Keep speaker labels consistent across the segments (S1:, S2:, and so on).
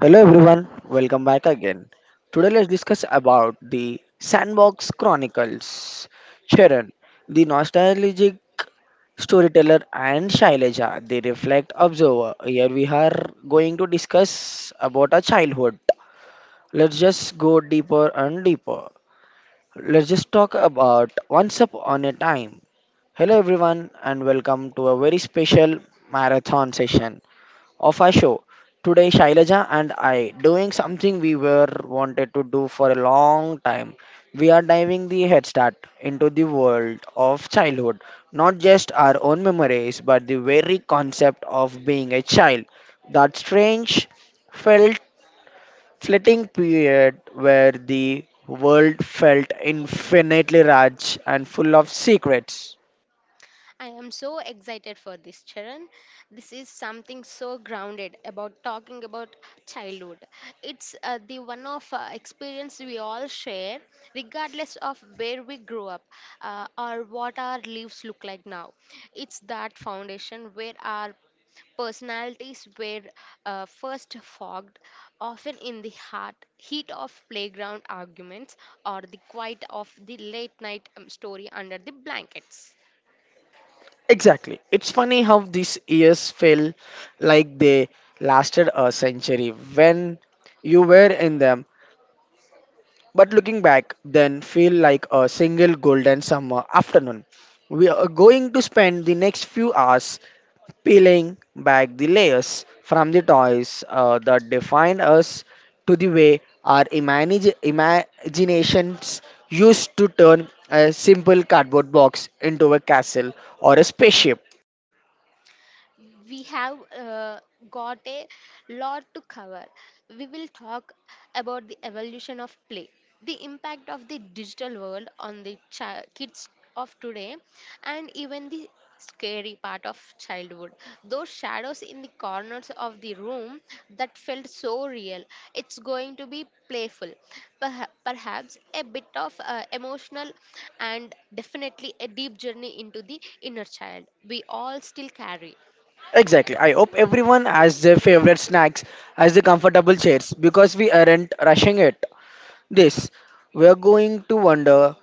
S1: Hello everyone, welcome back again. Today let's discuss about the Sandbox Chronicles. Sharon, the nostalgic storyteller and Shailaja, the reflect observer. Here we are going to discuss about our childhood. Let's just go deeper and deeper. Let's just talk about once upon a time. Hello everyone and welcome to a very special marathon session of our show. Today, Shailaja and I doing something we were wanted to do for a long time. We are diving the head start into the world of childhood, not just our own memories, but the very concept of being a child. That strange, felt flitting period where the world felt infinitely large and full of secrets.
S2: I am so excited for this, Charan. This is something so grounded about talking about childhood. It's the one of experience we all share, regardless of where we grew up or what our lives look like now. It's that foundation where our personalities were first fogged, often in the heat of playground arguments or the quiet of the late night story under the blankets.
S1: Exactly. It's funny how these years feel like they lasted a century when you were in them, but looking back, then feel like a single golden summer afternoon. We are going to spend the next few hours peeling back the layers from the toys that defined us to the way our imagine imaginations used to turn a simple cardboard box into a castle or a spaceship.
S2: We have got a lot to cover. We will talk about the evolution of play, the impact of the digital world on the kids of today, and even the scary part of childhood. Those shadows in the corners of the room that felt so real. It's going to be playful, perhaps a bit of emotional, and definitely a deep journey into the inner child we all still carry.
S1: Exactly. I hope everyone has their favorite snacks as the comfortable chairs because we aren't rushing it. This, we're going to wander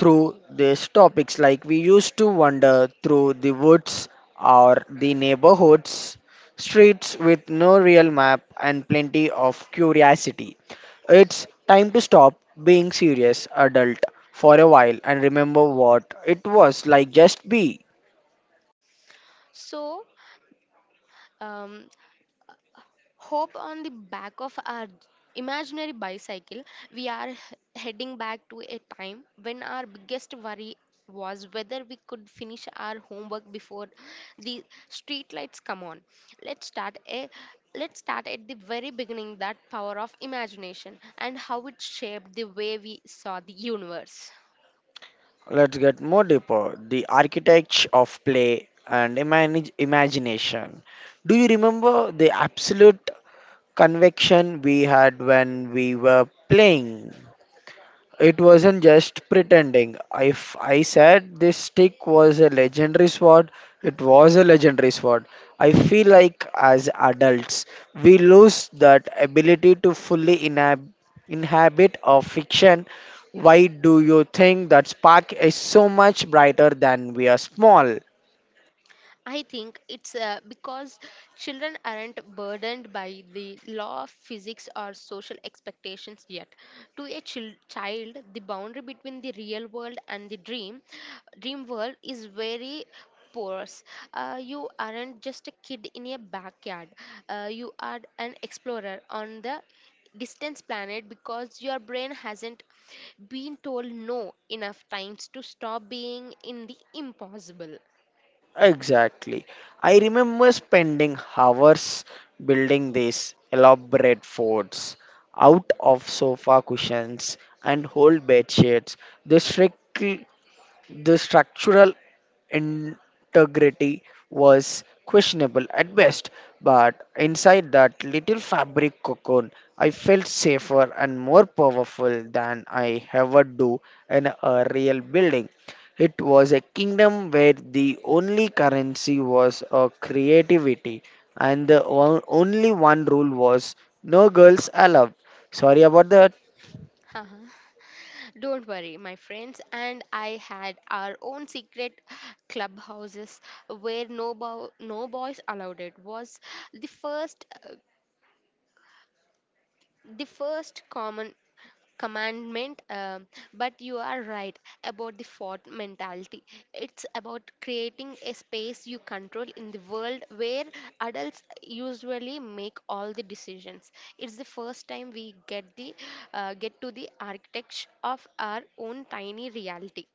S1: through these topics like we used to wander through the woods or the neighborhoods, streets with no real map and plenty of curiosity. It's time to stop being serious adult for a while and remember what it was like just be.
S2: So, um, hope on the back of our imaginary bicycle, we are heading back to a time when our biggest worry was whether we could finish our homework before the street lights come on. Let's start a let's start at the very beginning, that power of imagination and how it shaped the way we saw the universe.
S1: Let's get more deeper. The architects of play and imagination. Do you remember the absolute conviction we had when we were playing? It wasn't just pretending. If I said this stick was a legendary sword, it was a legendary sword. I feel like as adults, we lose that ability to fully inhabit a fiction. Why do you think that spark is so much brighter than we are small?
S2: I think it's because children aren't burdened by the law of physics or social expectations yet. To a child, the boundary between the real world and the dream world is very porous. You aren't just a kid in a backyard. You are an explorer on the distant planet because your brain hasn't been told no enough times to stop being in the impossible.
S1: Exactly. I remember spending hours building these elaborate forts out of sofa cushions and whole bed sheets. They trick. The structural integrity was questionable at best, but inside that little fabric cocoon, I felt safer and more powerful than I ever do in a real building. It was a kingdom where the only currency was a creativity, and the only one rule was no girls allowed. Sorry about that.
S2: Uh-huh. Don't worry, my friends and I had our own secret clubhouses where no, no boys allowed. It was the first common commandment, but you are right about the default mentality. It's about creating a space you control in the world where adults usually make all the decisions. It's the first time we get the get to the architecture of our own tiny reality.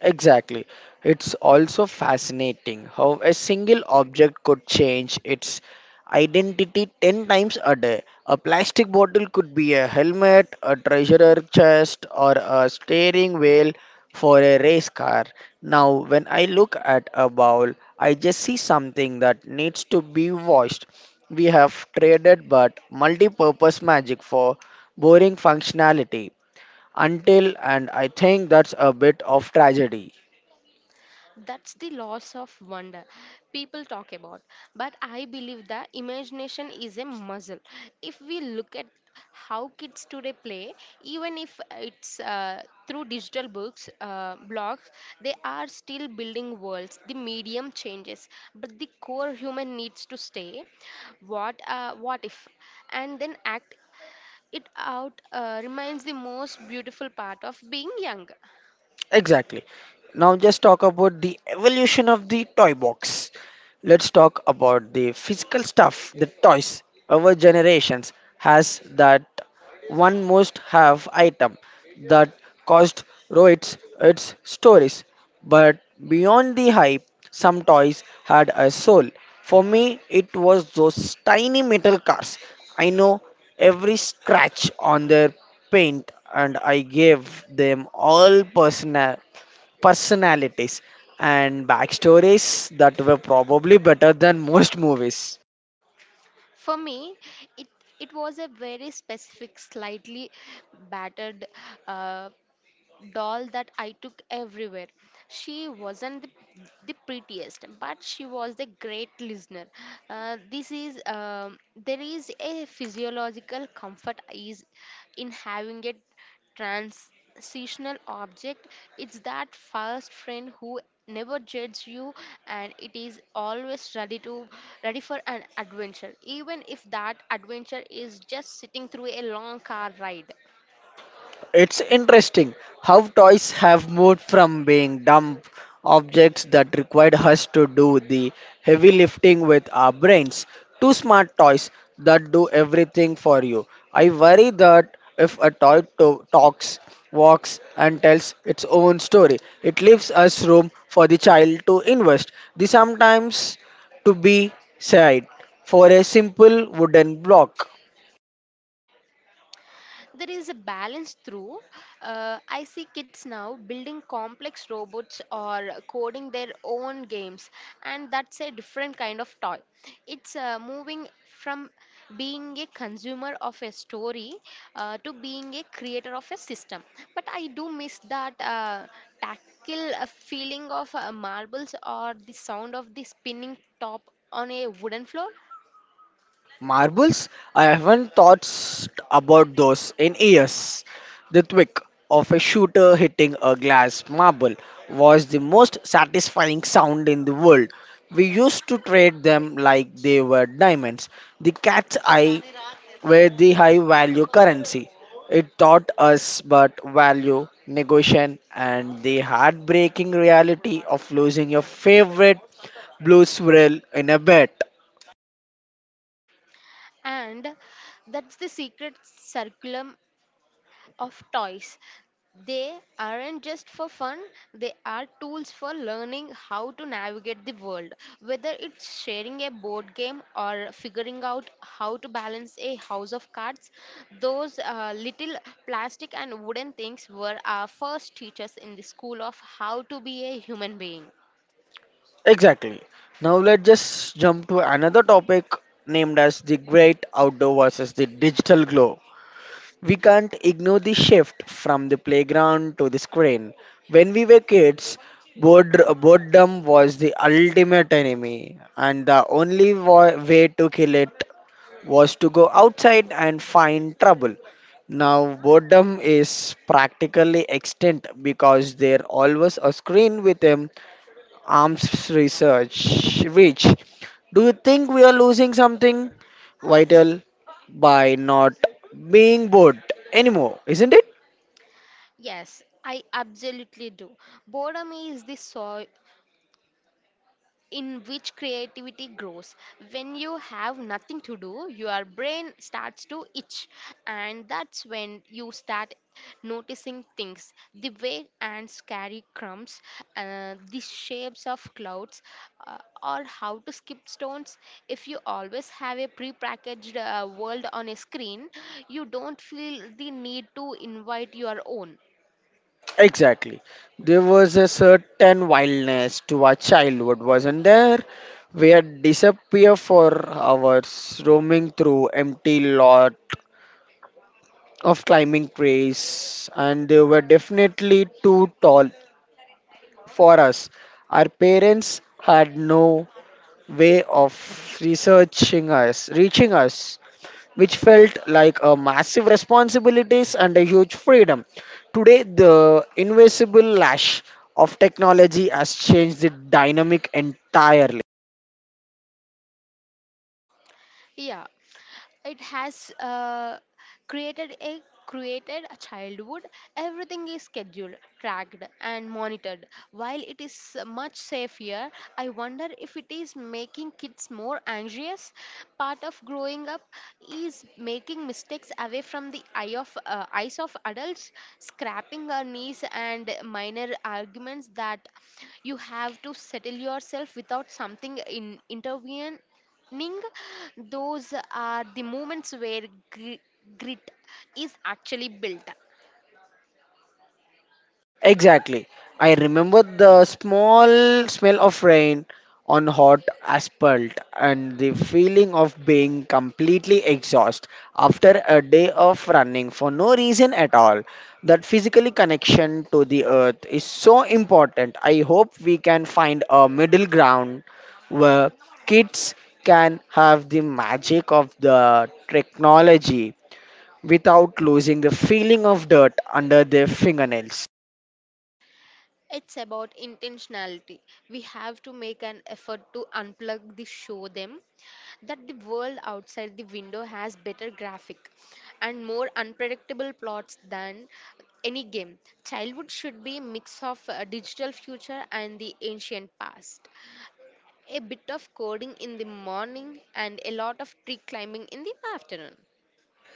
S1: Exactly. It's also fascinating how a single object could change its identity 10 times a day. A plastic bottle could be a helmet, a treasure chest, or a steering wheel for a race car. Now, when I look at a bowl, I just see something that needs to be washed. We have traded but multi purpose magic for boring functionality until and I think that's a bit of tragedy.
S2: That's the loss of wonder people talk about. But I believe the imagination is a muscle. If we look at how kids today play, even if it's through digital books, blogs, they are still building worlds. The medium changes, but the core human needs to stay. What if? And then act it out remains the most beautiful part of being young.
S1: Exactly. Now just talk about the evolution of the toy box. Let's talk about the physical stuff, the toys. Our generations has that one must have item that cost Rohit's its stories. But beyond the hype, some toys had a soul. For me, it was those tiny metal cars. I know every scratch on their paint and I gave them all personalities and backstories that were probably better than most movies.
S2: For me, it it was a very specific, slightly battered, uh, doll that I took everywhere. She wasn't the prettiest, but she was the great listener. This is There is a physiological comfort is in having a transitional object. It's that first friend who never judges you and it is always ready for an adventure, even if that adventure is just sitting through a long car ride.
S1: It's interesting how toys have moved from being dumb objects that required us to do the heavy lifting with our brains to smart toys that do everything for you. I worry that if a toy talks, walks, and tells its own story, it leaves us room for the child to invest. The sometimes to be said for a simple wooden block.
S2: There is a balance through. I see kids now building complex robots or coding their own games, and that's a different kind of toy. It's moving from being a consumer of a story to being a creator of a system. But I do miss that tactile feeling of marbles or the sound of the spinning top on a wooden floor.
S1: Marbles? I haven't thought about those in years. The thwack of a shooter hitting a glass marble was the most satisfying sound in the world. We used to trade them like they were diamonds. The cat's eye were the high value currency. It taught us but value, negotiation, and the heartbreaking reality of losing your favorite blue swirl in a bet.
S2: And that's the secret circulum of toys. They aren't just for fun, they are tools for learning how to navigate the world. Whether it's sharing a board game or figuring out how to balance a house of cards, those little plastic and wooden things were our first teachers in the school of how to be a human being.
S1: Exactly. Now let's just jump to another topic named as the great outdoor versus the digital glow. We can't ignore the shift from the playground to the screen. When we were kids, boredom was the ultimate enemy, and the only way to kill it was to go outside and find trouble. Now, boredom is practically extinct because there always a screen with them arms research. Rich, do you think we are losing something vital by not being bored anymore? Isn't it?
S2: Yes, I absolutely do. Boredom is the soul in which creativity grows. When you have nothing to do, your brain starts to itch, and that's when you start noticing things, the way ants carry crumbs, the shapes of clouds, uh, or how to skip stones. If you always have a prepackaged world on a screen, you don't feel the need to invite your own.
S1: Exactly. There was a certain wildness to our childhood, wasn't there? We had disappear for hours, roaming through empty lot of climbing trees, and they were definitely too tall for us. Our parents had no way of reaching us, which felt like a massive responsibilities and a huge freedom. Today, the invisible lash of technology has changed the dynamic entirely.
S2: Yeah, it has created a created a childhood. Everything is scheduled, tracked, and monitored. While it is much safer, I wonder if it is making kids more anxious. Part of growing up is making mistakes away from the eyes of adults, scrapping our knees and minor arguments that you have to settle yourself without something in intervene Ning, those are the moments where gri- grit is actually built.
S1: Exactly. I remember the small smell of rain on hot asphalt and the feeling of being completely exhausted after a day of running for no reason at all. That physical connection to the earth is so important. I hope we can find a middle ground where kids can have the magic of the technology without losing the feeling of dirt under their fingernails.
S2: It's about intentionality. We have to make an effort to unplug, the show them that the world outside the window has better graphic and more unpredictable plots than any game. Childhood should be a mix of a digital future and the ancient past. A bit of coding in the morning and a lot of tree climbing in the afternoon.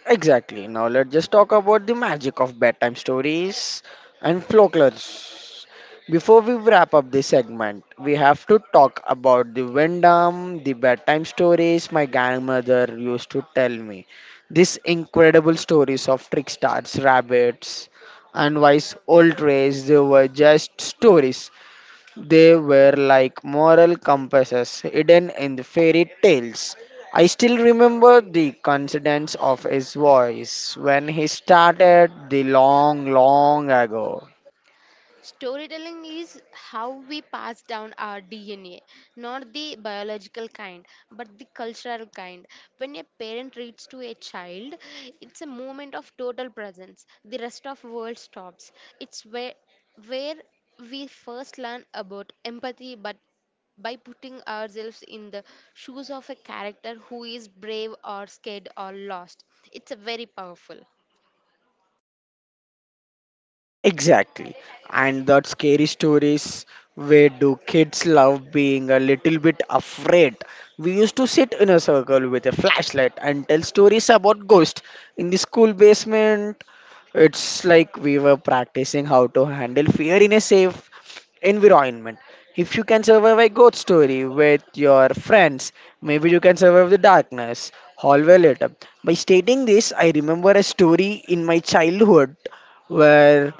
S1: Exactly. Now let's just talk about the magic of bedtime stories and folklores. Before we wrap up this segment, we have to talk about the Windham, the bedtime stories my grandmother used to tell me. These incredible stories of tricksters, rabbits, and wise old trees, they were just stories. They were like moral compasses hidden in the fairy tales. I still remember the coincidence of his voice when he started the long, long ago.
S2: Storytelling is how we pass down our DNA, not the biological kind, but the cultural kind. When a parent reads to a child, it's a moment of total presence. The rest of world stops. It's where we first learn about empathy, but by putting ourselves in the shoes of a character who is brave or scared or lost. It's a very powerful.
S1: Exactly. And that scary stories where do kids love being a little bit afraid? We used to sit in a circle with a flashlight and tell stories about ghosts in the school basement. It's like we were practicing how to handle fear in a safe environment. If you can survive a ghost story with your friends, maybe you can survive the darkness. Hallway later. By stating this, I remember a story in my childhood where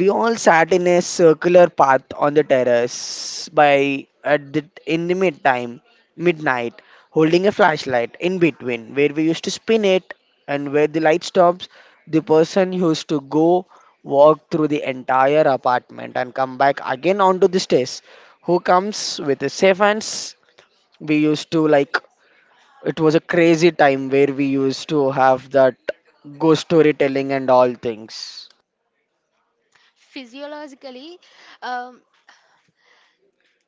S1: we all sat in a circular path on the terrace by at the in the mid time, midnight, holding a flashlight in between where we used to spin it and where the light stops, the person used to go walk through the entire apartment and come back again onto the stairs. Who comes with a safe hands? We used to like it was a crazy time where we used to have that ghost storytelling and all things.
S2: Physiologically, um,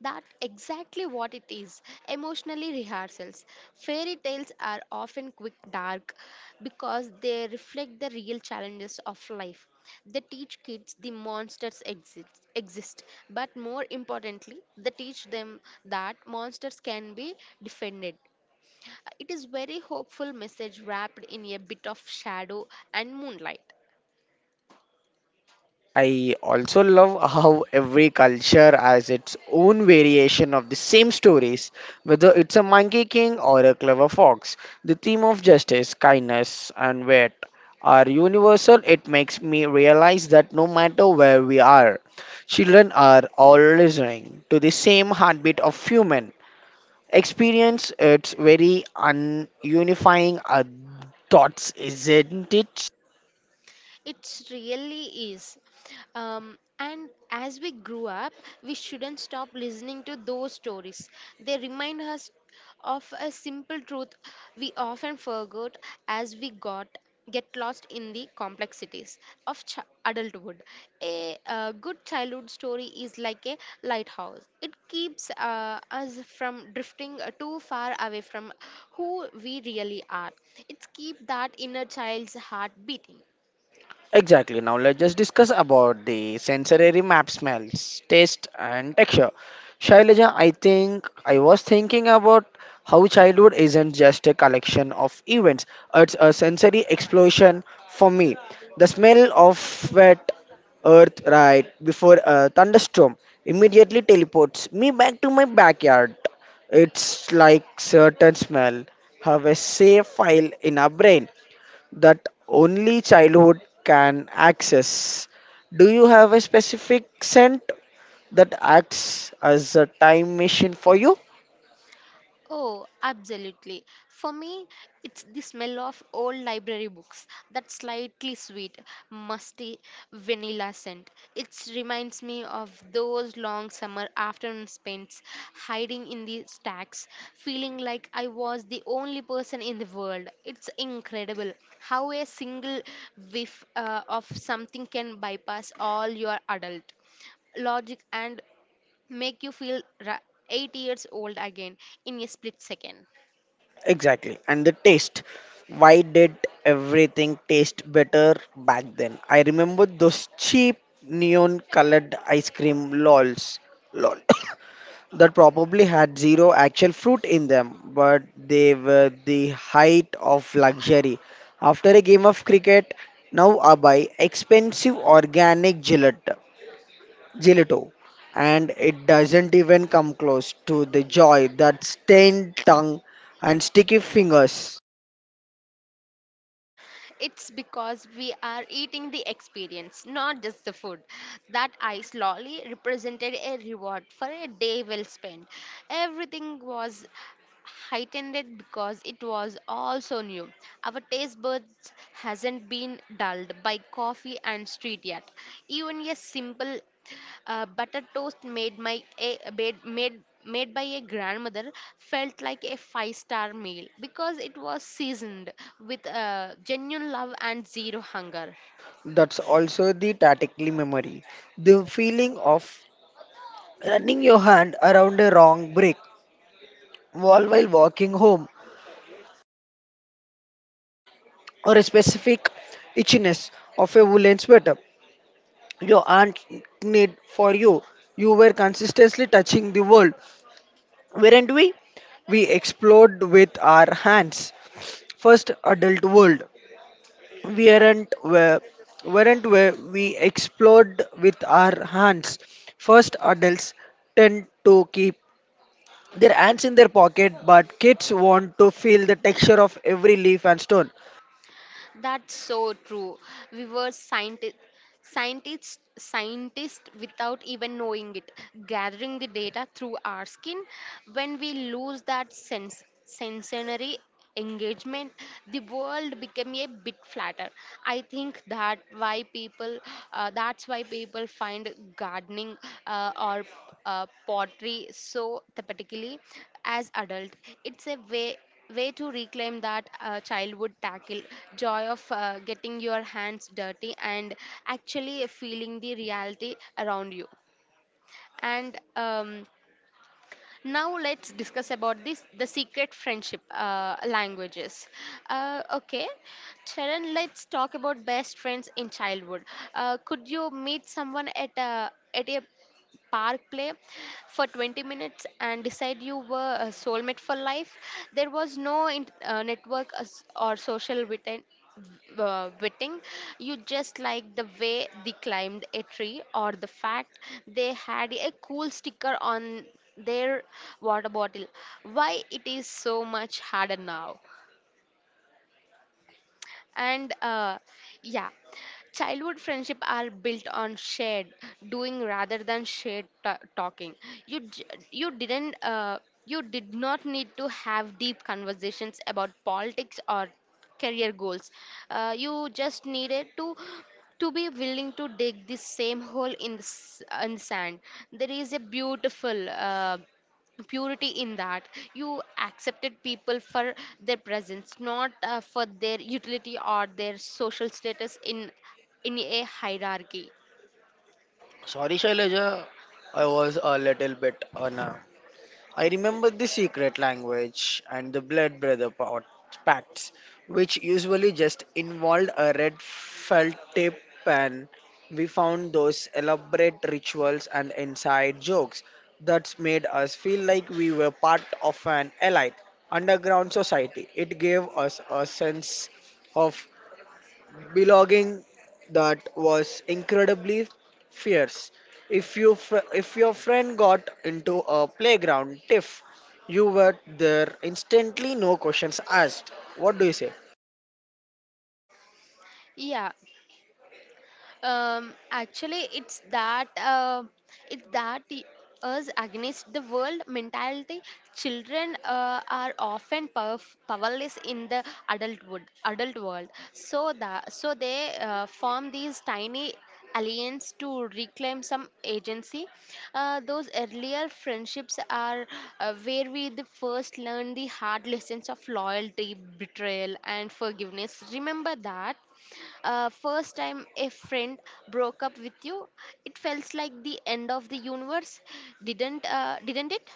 S2: that exactly what it is. Emotionally rehearsals. Fairy tales are often quick dark because they reflect the real challenges of life. They teach kids the monsters exist, but more importantly, they teach them that monsters can be defended. It is very hopeful message wrapped in a bit of shadow and moonlight.
S1: I also love how every culture has its own variation of the same stories, whether it's a monkey king or a clever fox. The theme of justice, kindness, and wit are universal. It makes me realize that no matter where we are, children are all listening to the same heartbeat of human experience. It's very ununifying thoughts, isn't it?
S2: It really is. And as we grew up, we shouldn't stop listening to those stories. They remind us of a simple truth we often forgot as we got get lost in the complexities of adulthood. A, good childhood story is like a lighthouse. It keeps us from drifting too far away from who we really are. It keeps that inner child's heart beating.
S1: Exactly. Now let's just discuss about the sensory map smells, taste and texture. Shailaja, I think I was thinking about how childhood isn't just a collection of events, it's a sensory explosion for me. The smell of wet earth right before a thunderstorm immediately teleports me back to my backyard. It's like certain smell have a safe file in our brain that only childhood can access. Do you have a specific scent that acts as a time machine for you?
S2: Oh, absolutely. For me, it's the smell of old library books, that slightly sweet, musty vanilla scent. It reminds me of those long summer afternoons spent hiding in the stacks, feeling like I was the only person in the world. It's incredible how a single whiff of something can bypass all your adult logic and make you feel 8 years old again in a split second.
S1: Exactly. And the taste. Why did everything taste better back then? I remember those cheap neon colored ice cream lols. Lol. that probably had zero actual fruit in them, but they were the height of luxury. After a game of cricket, now I buy expensive organic gelato, and it doesn't even come close to the joy that stained tongue and sticky fingers.
S2: It's because we are eating the experience, not just the food. That ice lolly represented a reward for a day well spent. Everything was heightened because it was also new. Our taste buds hasn't been dulled by coffee and street yet. Even a simple butter toast made my a, made made made by a grandmother felt like a five-star meal because it was seasoned with genuine love and zero hunger.
S1: That's also the tactically memory, the feeling of running your hand around a wrong brick wall while walking home or a specific itchiness of a woolen sweater your aunt knit for you. You were consistently touching the world, weren't we? We explored with our hands. First adult world. We weren't where We explored with our hands. First adults tend to keep their hands in their pocket, but kids want to feel the texture of every leaf and stone.
S2: That's so true. We were scientists without even knowing it, gathering the data through our skin. When we lose that sensory engagement, the world became a bit flatter. I think that's why people find gardening or pottery so therapeutically as adult. It's a way to reclaim that childhood tackle joy of getting your hands dirty and actually feeling the reality around you. And now let's discuss about this, the secret friendship languages. Okay, Sharon, let's talk about best friends in childhood. Could you meet someone at a park play for 20 minutes and decide you were a soulmate for life. There was no network or social within. Witting, you just like the way they climbed a tree or the fact they had a cool sticker on their water bottle. Why it is so much harder now? And yeah, childhood friendship are built on shared doing rather than shared ta talking. you j- you didn't you did not need to have deep conversations about politics or career goals. You just needed to be willing to dig the same hole in the, in the sand. There is a beautiful purity in that. You accepted people for their presence, not for their utility or their social status in a hierarchy.
S1: Sorry, Shailaja, I was a little bit on a. I remember the secret language and the blood brother pacts, which usually just involved a red felt tip pen. We found those elaborate rituals and inside jokes that made us feel like we were part of an elite underground society. It gave us a sense of belonging that was incredibly fierce. If your friend got into a playground tiff, you were there instantly, no questions asked. What do you say?
S2: Yeah, actually it's that it's that y- us against the world mentality. Children are often powerless in the adult world, so that so they form these tiny alliance to reclaim some agency. Those earlier friendships are where we the first learn the hard lessons of loyalty, betrayal, and forgiveness. Remember that first time a friend broke up with you, it felt like the end of the universe, didn't it?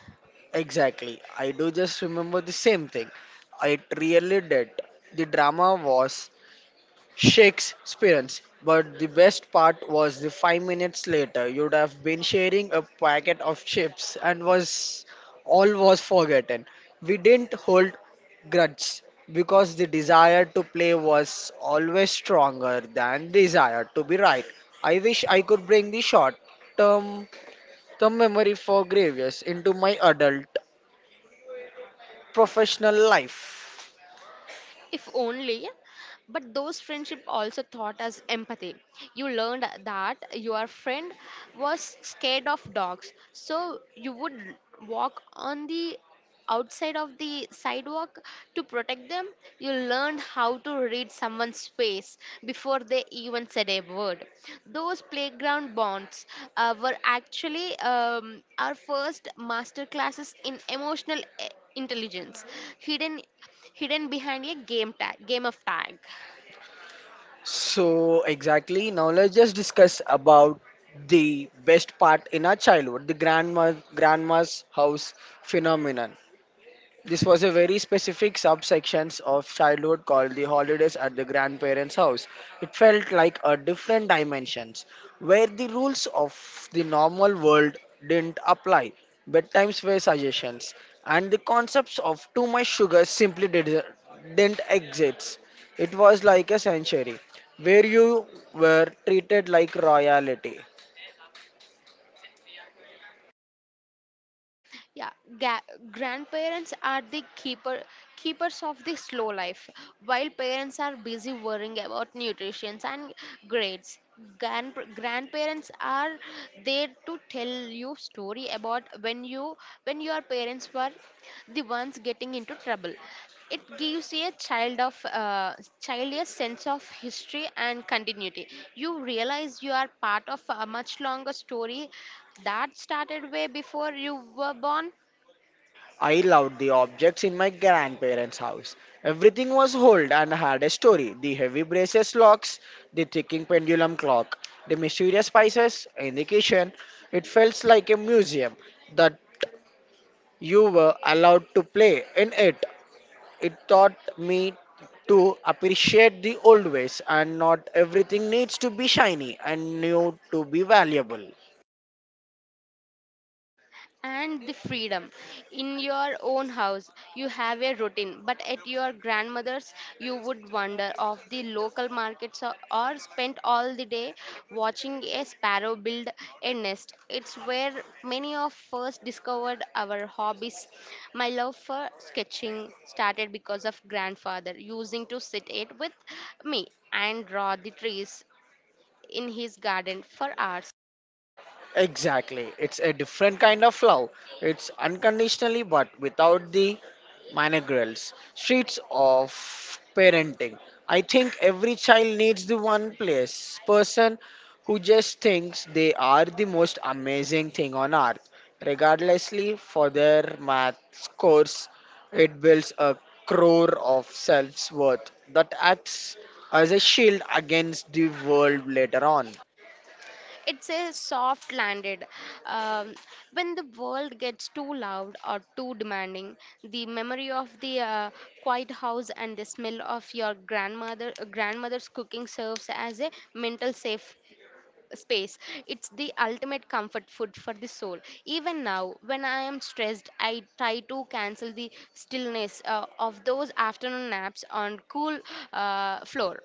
S1: Exactly. I do just remember the same thing. It really did. The drama was Shakespeareans. But the best part was the 5 minutes later, you'd have been sharing a packet of chips and was all was forgotten. We didn't hold grudges because the desire to play was always stronger than desire to be right. I wish I could bring the short term term memory for Gravius into my adult professional life.
S2: If only. But those friendship also taught us empathy. You learned that your friend was scared of dogs, so you would walk on the outside of the sidewalk to protect them. You learned how to read someone's face before they even said a word. Those playground bonds were actually our first master classes in emotional intelligence, hidden hidden behind a game of tag.
S1: So exactly now let's just discuss about the best part in our childhood, the grandma's house phenomenon. This was a very specific subsections of childhood called the holidays at the grandparents' house. It felt like a different dimensions where the rules of the normal world didn't apply. Bedtimes were suggestions, and the concepts of too much sugar simply didn't exist. It was like a sanctuary where you were treated like royalty.
S2: Yeah, grandparents are the keepers of the slow life, while parents are busy worrying about nutrition and grades. Grandparents are there to tell you story about when your parents were the ones getting into trouble. It gives a child a sense of history and continuity. You realize you are part of a much longer story that started way before you were born.
S1: I loved the objects in my grandparents' house. Everything was old and had a story. The heavy braces locks, the ticking pendulum clock, the mysterious spices in the kitchen. It felt like a museum that you were allowed to play in it. It taught me to appreciate the old ways and not everything needs to be shiny and new to be valuable.
S2: And the freedom in your own house, you have a routine, but at your grandmother's you would wander off the local markets or spend all the day watching a sparrow build a nest. It's where many of us discovered our hobbies. My love for sketching started because of grandfather using to sit it with me and draw the trees in his garden for hours.
S1: Exactly. It's a different kind of love. It's unconditionally but without the managerials. Streets of parenting. I think every child needs the one place person who just thinks they are the most amazing thing on earth. Regardlessly for their math scores, it builds a core of self-worth that acts as a shield against the world later on.
S2: It's a soft landed, um, when the world gets too loud or too demanding, the memory of the quiet house and the smell of your grandmother's cooking serves as a mental safe space. It's the ultimate comfort food for the soul. Even now, when I am stressed, I try to cancel the stillness of those afternoon naps on cool floor.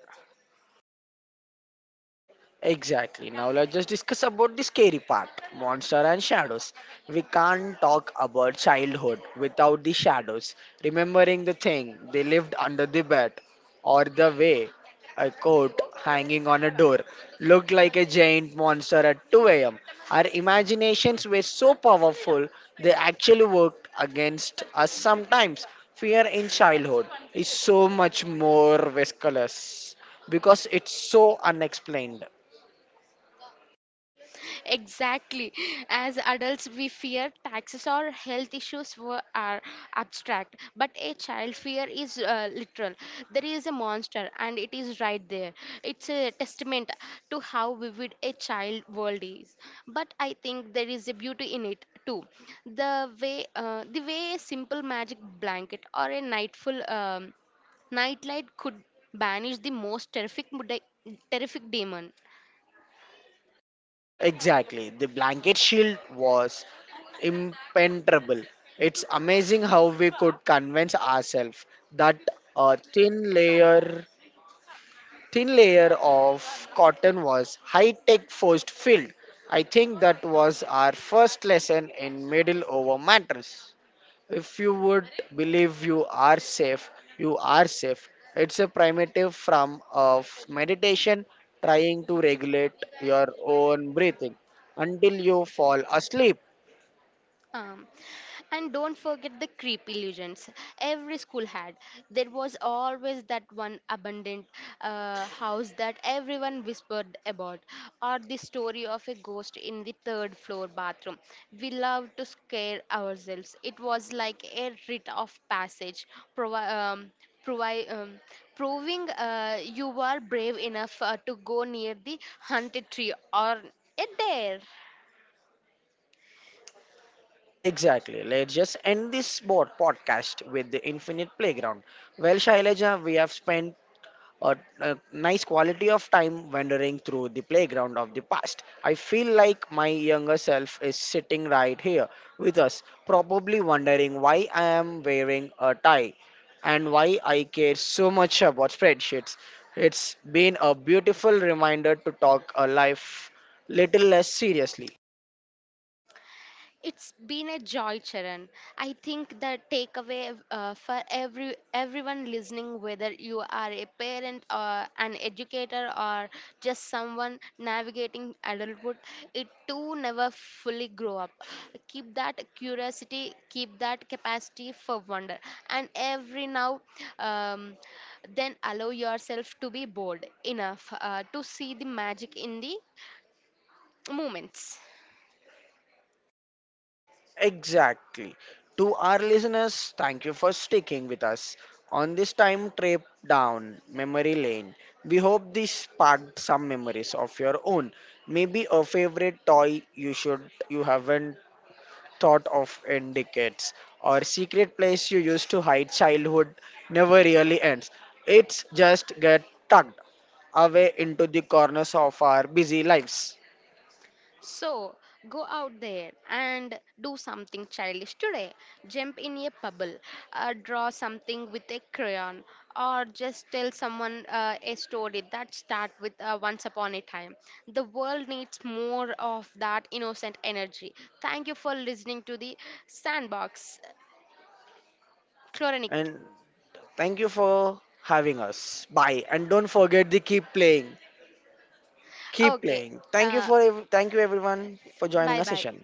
S1: Exactly. Now let's just discuss about the scary part, monster and shadows. We can't talk about childhood without the shadows. Remembering the thing they lived under the bed, or the way a coat hanging on a door looked like a giant monster at 2 a.m. Our imaginations were so powerful they actually worked against us sometimes. Fear in childhood is so much more viscous because it's so unexplained.
S2: Exactly. As adults, we fear taxes or health issues are abstract, but a child fear is literal. There is a monster, and it is right there. It's a testament to how vivid a child world is. But I think there is a beauty in it too. The way, a simple magic blanket or a nightful nightlight could banish the most terrific demon.
S1: Exactly. The blanket shield was impenetrable. It's amazing how we could convince ourselves that a thin layer of cotton was high tech forced filled. I think that was our first lesson in middle over matters. If you would believe you are safe, you are safe. It's a primitive form of meditation trying to regulate your own breathing until you fall asleep.
S2: Um, and don't forget the creep illusions every school had. There was always that one abandoned house that everyone whispered about, or the story of a ghost in the third floor bathroom. We loved to scare ourselves. It was like a rite of passage, provi- um, provi- um, proving you were brave enough to go near the haunted tree or a dare.
S1: Exactly. Let's just end this board podcast with the infinite playground. Well, Shailaja, we have spent a nice quality of time wandering through the playground of the past. I feel like my younger self is sitting right here with us, probably wondering why I am wearing a tie and why I care so much about spreadsheets. It's been a beautiful reminder to talk a life little less seriously.
S2: It's been a joy, Charan. I think the takeaway for everyone listening, whether you are a parent or an educator or just someone navigating adulthood, it too never fully grow up. Keep that curiosity, keep that capacity for wonder, and every now um, then allow yourself to be bold enough to see the magic in the moments.
S1: Exactly. To our listeners, thank you for sticking with us on this time trip down memory lane. We hope this sparked some memories of your own. Maybe a favorite toy you should you haven't thought of in decades or secret place you used to hide childhood never really ends. It's just get tugged away into the corners of our busy lives.
S2: So, go out there and do something childish today. Jump in a bubble, draw something with a crayon, or just tell someone a story that start with once upon a time. The world needs more of that innocent energy. Thank you for listening to the Sandbox Chlorinic.
S1: And thank you for having us. Bye. And don't forget to keep playing. Keep
S2: Okay,
S1: playing.
S2: uh,
S1: Thank you everyone for joining our
S2: bye bye.
S1: session.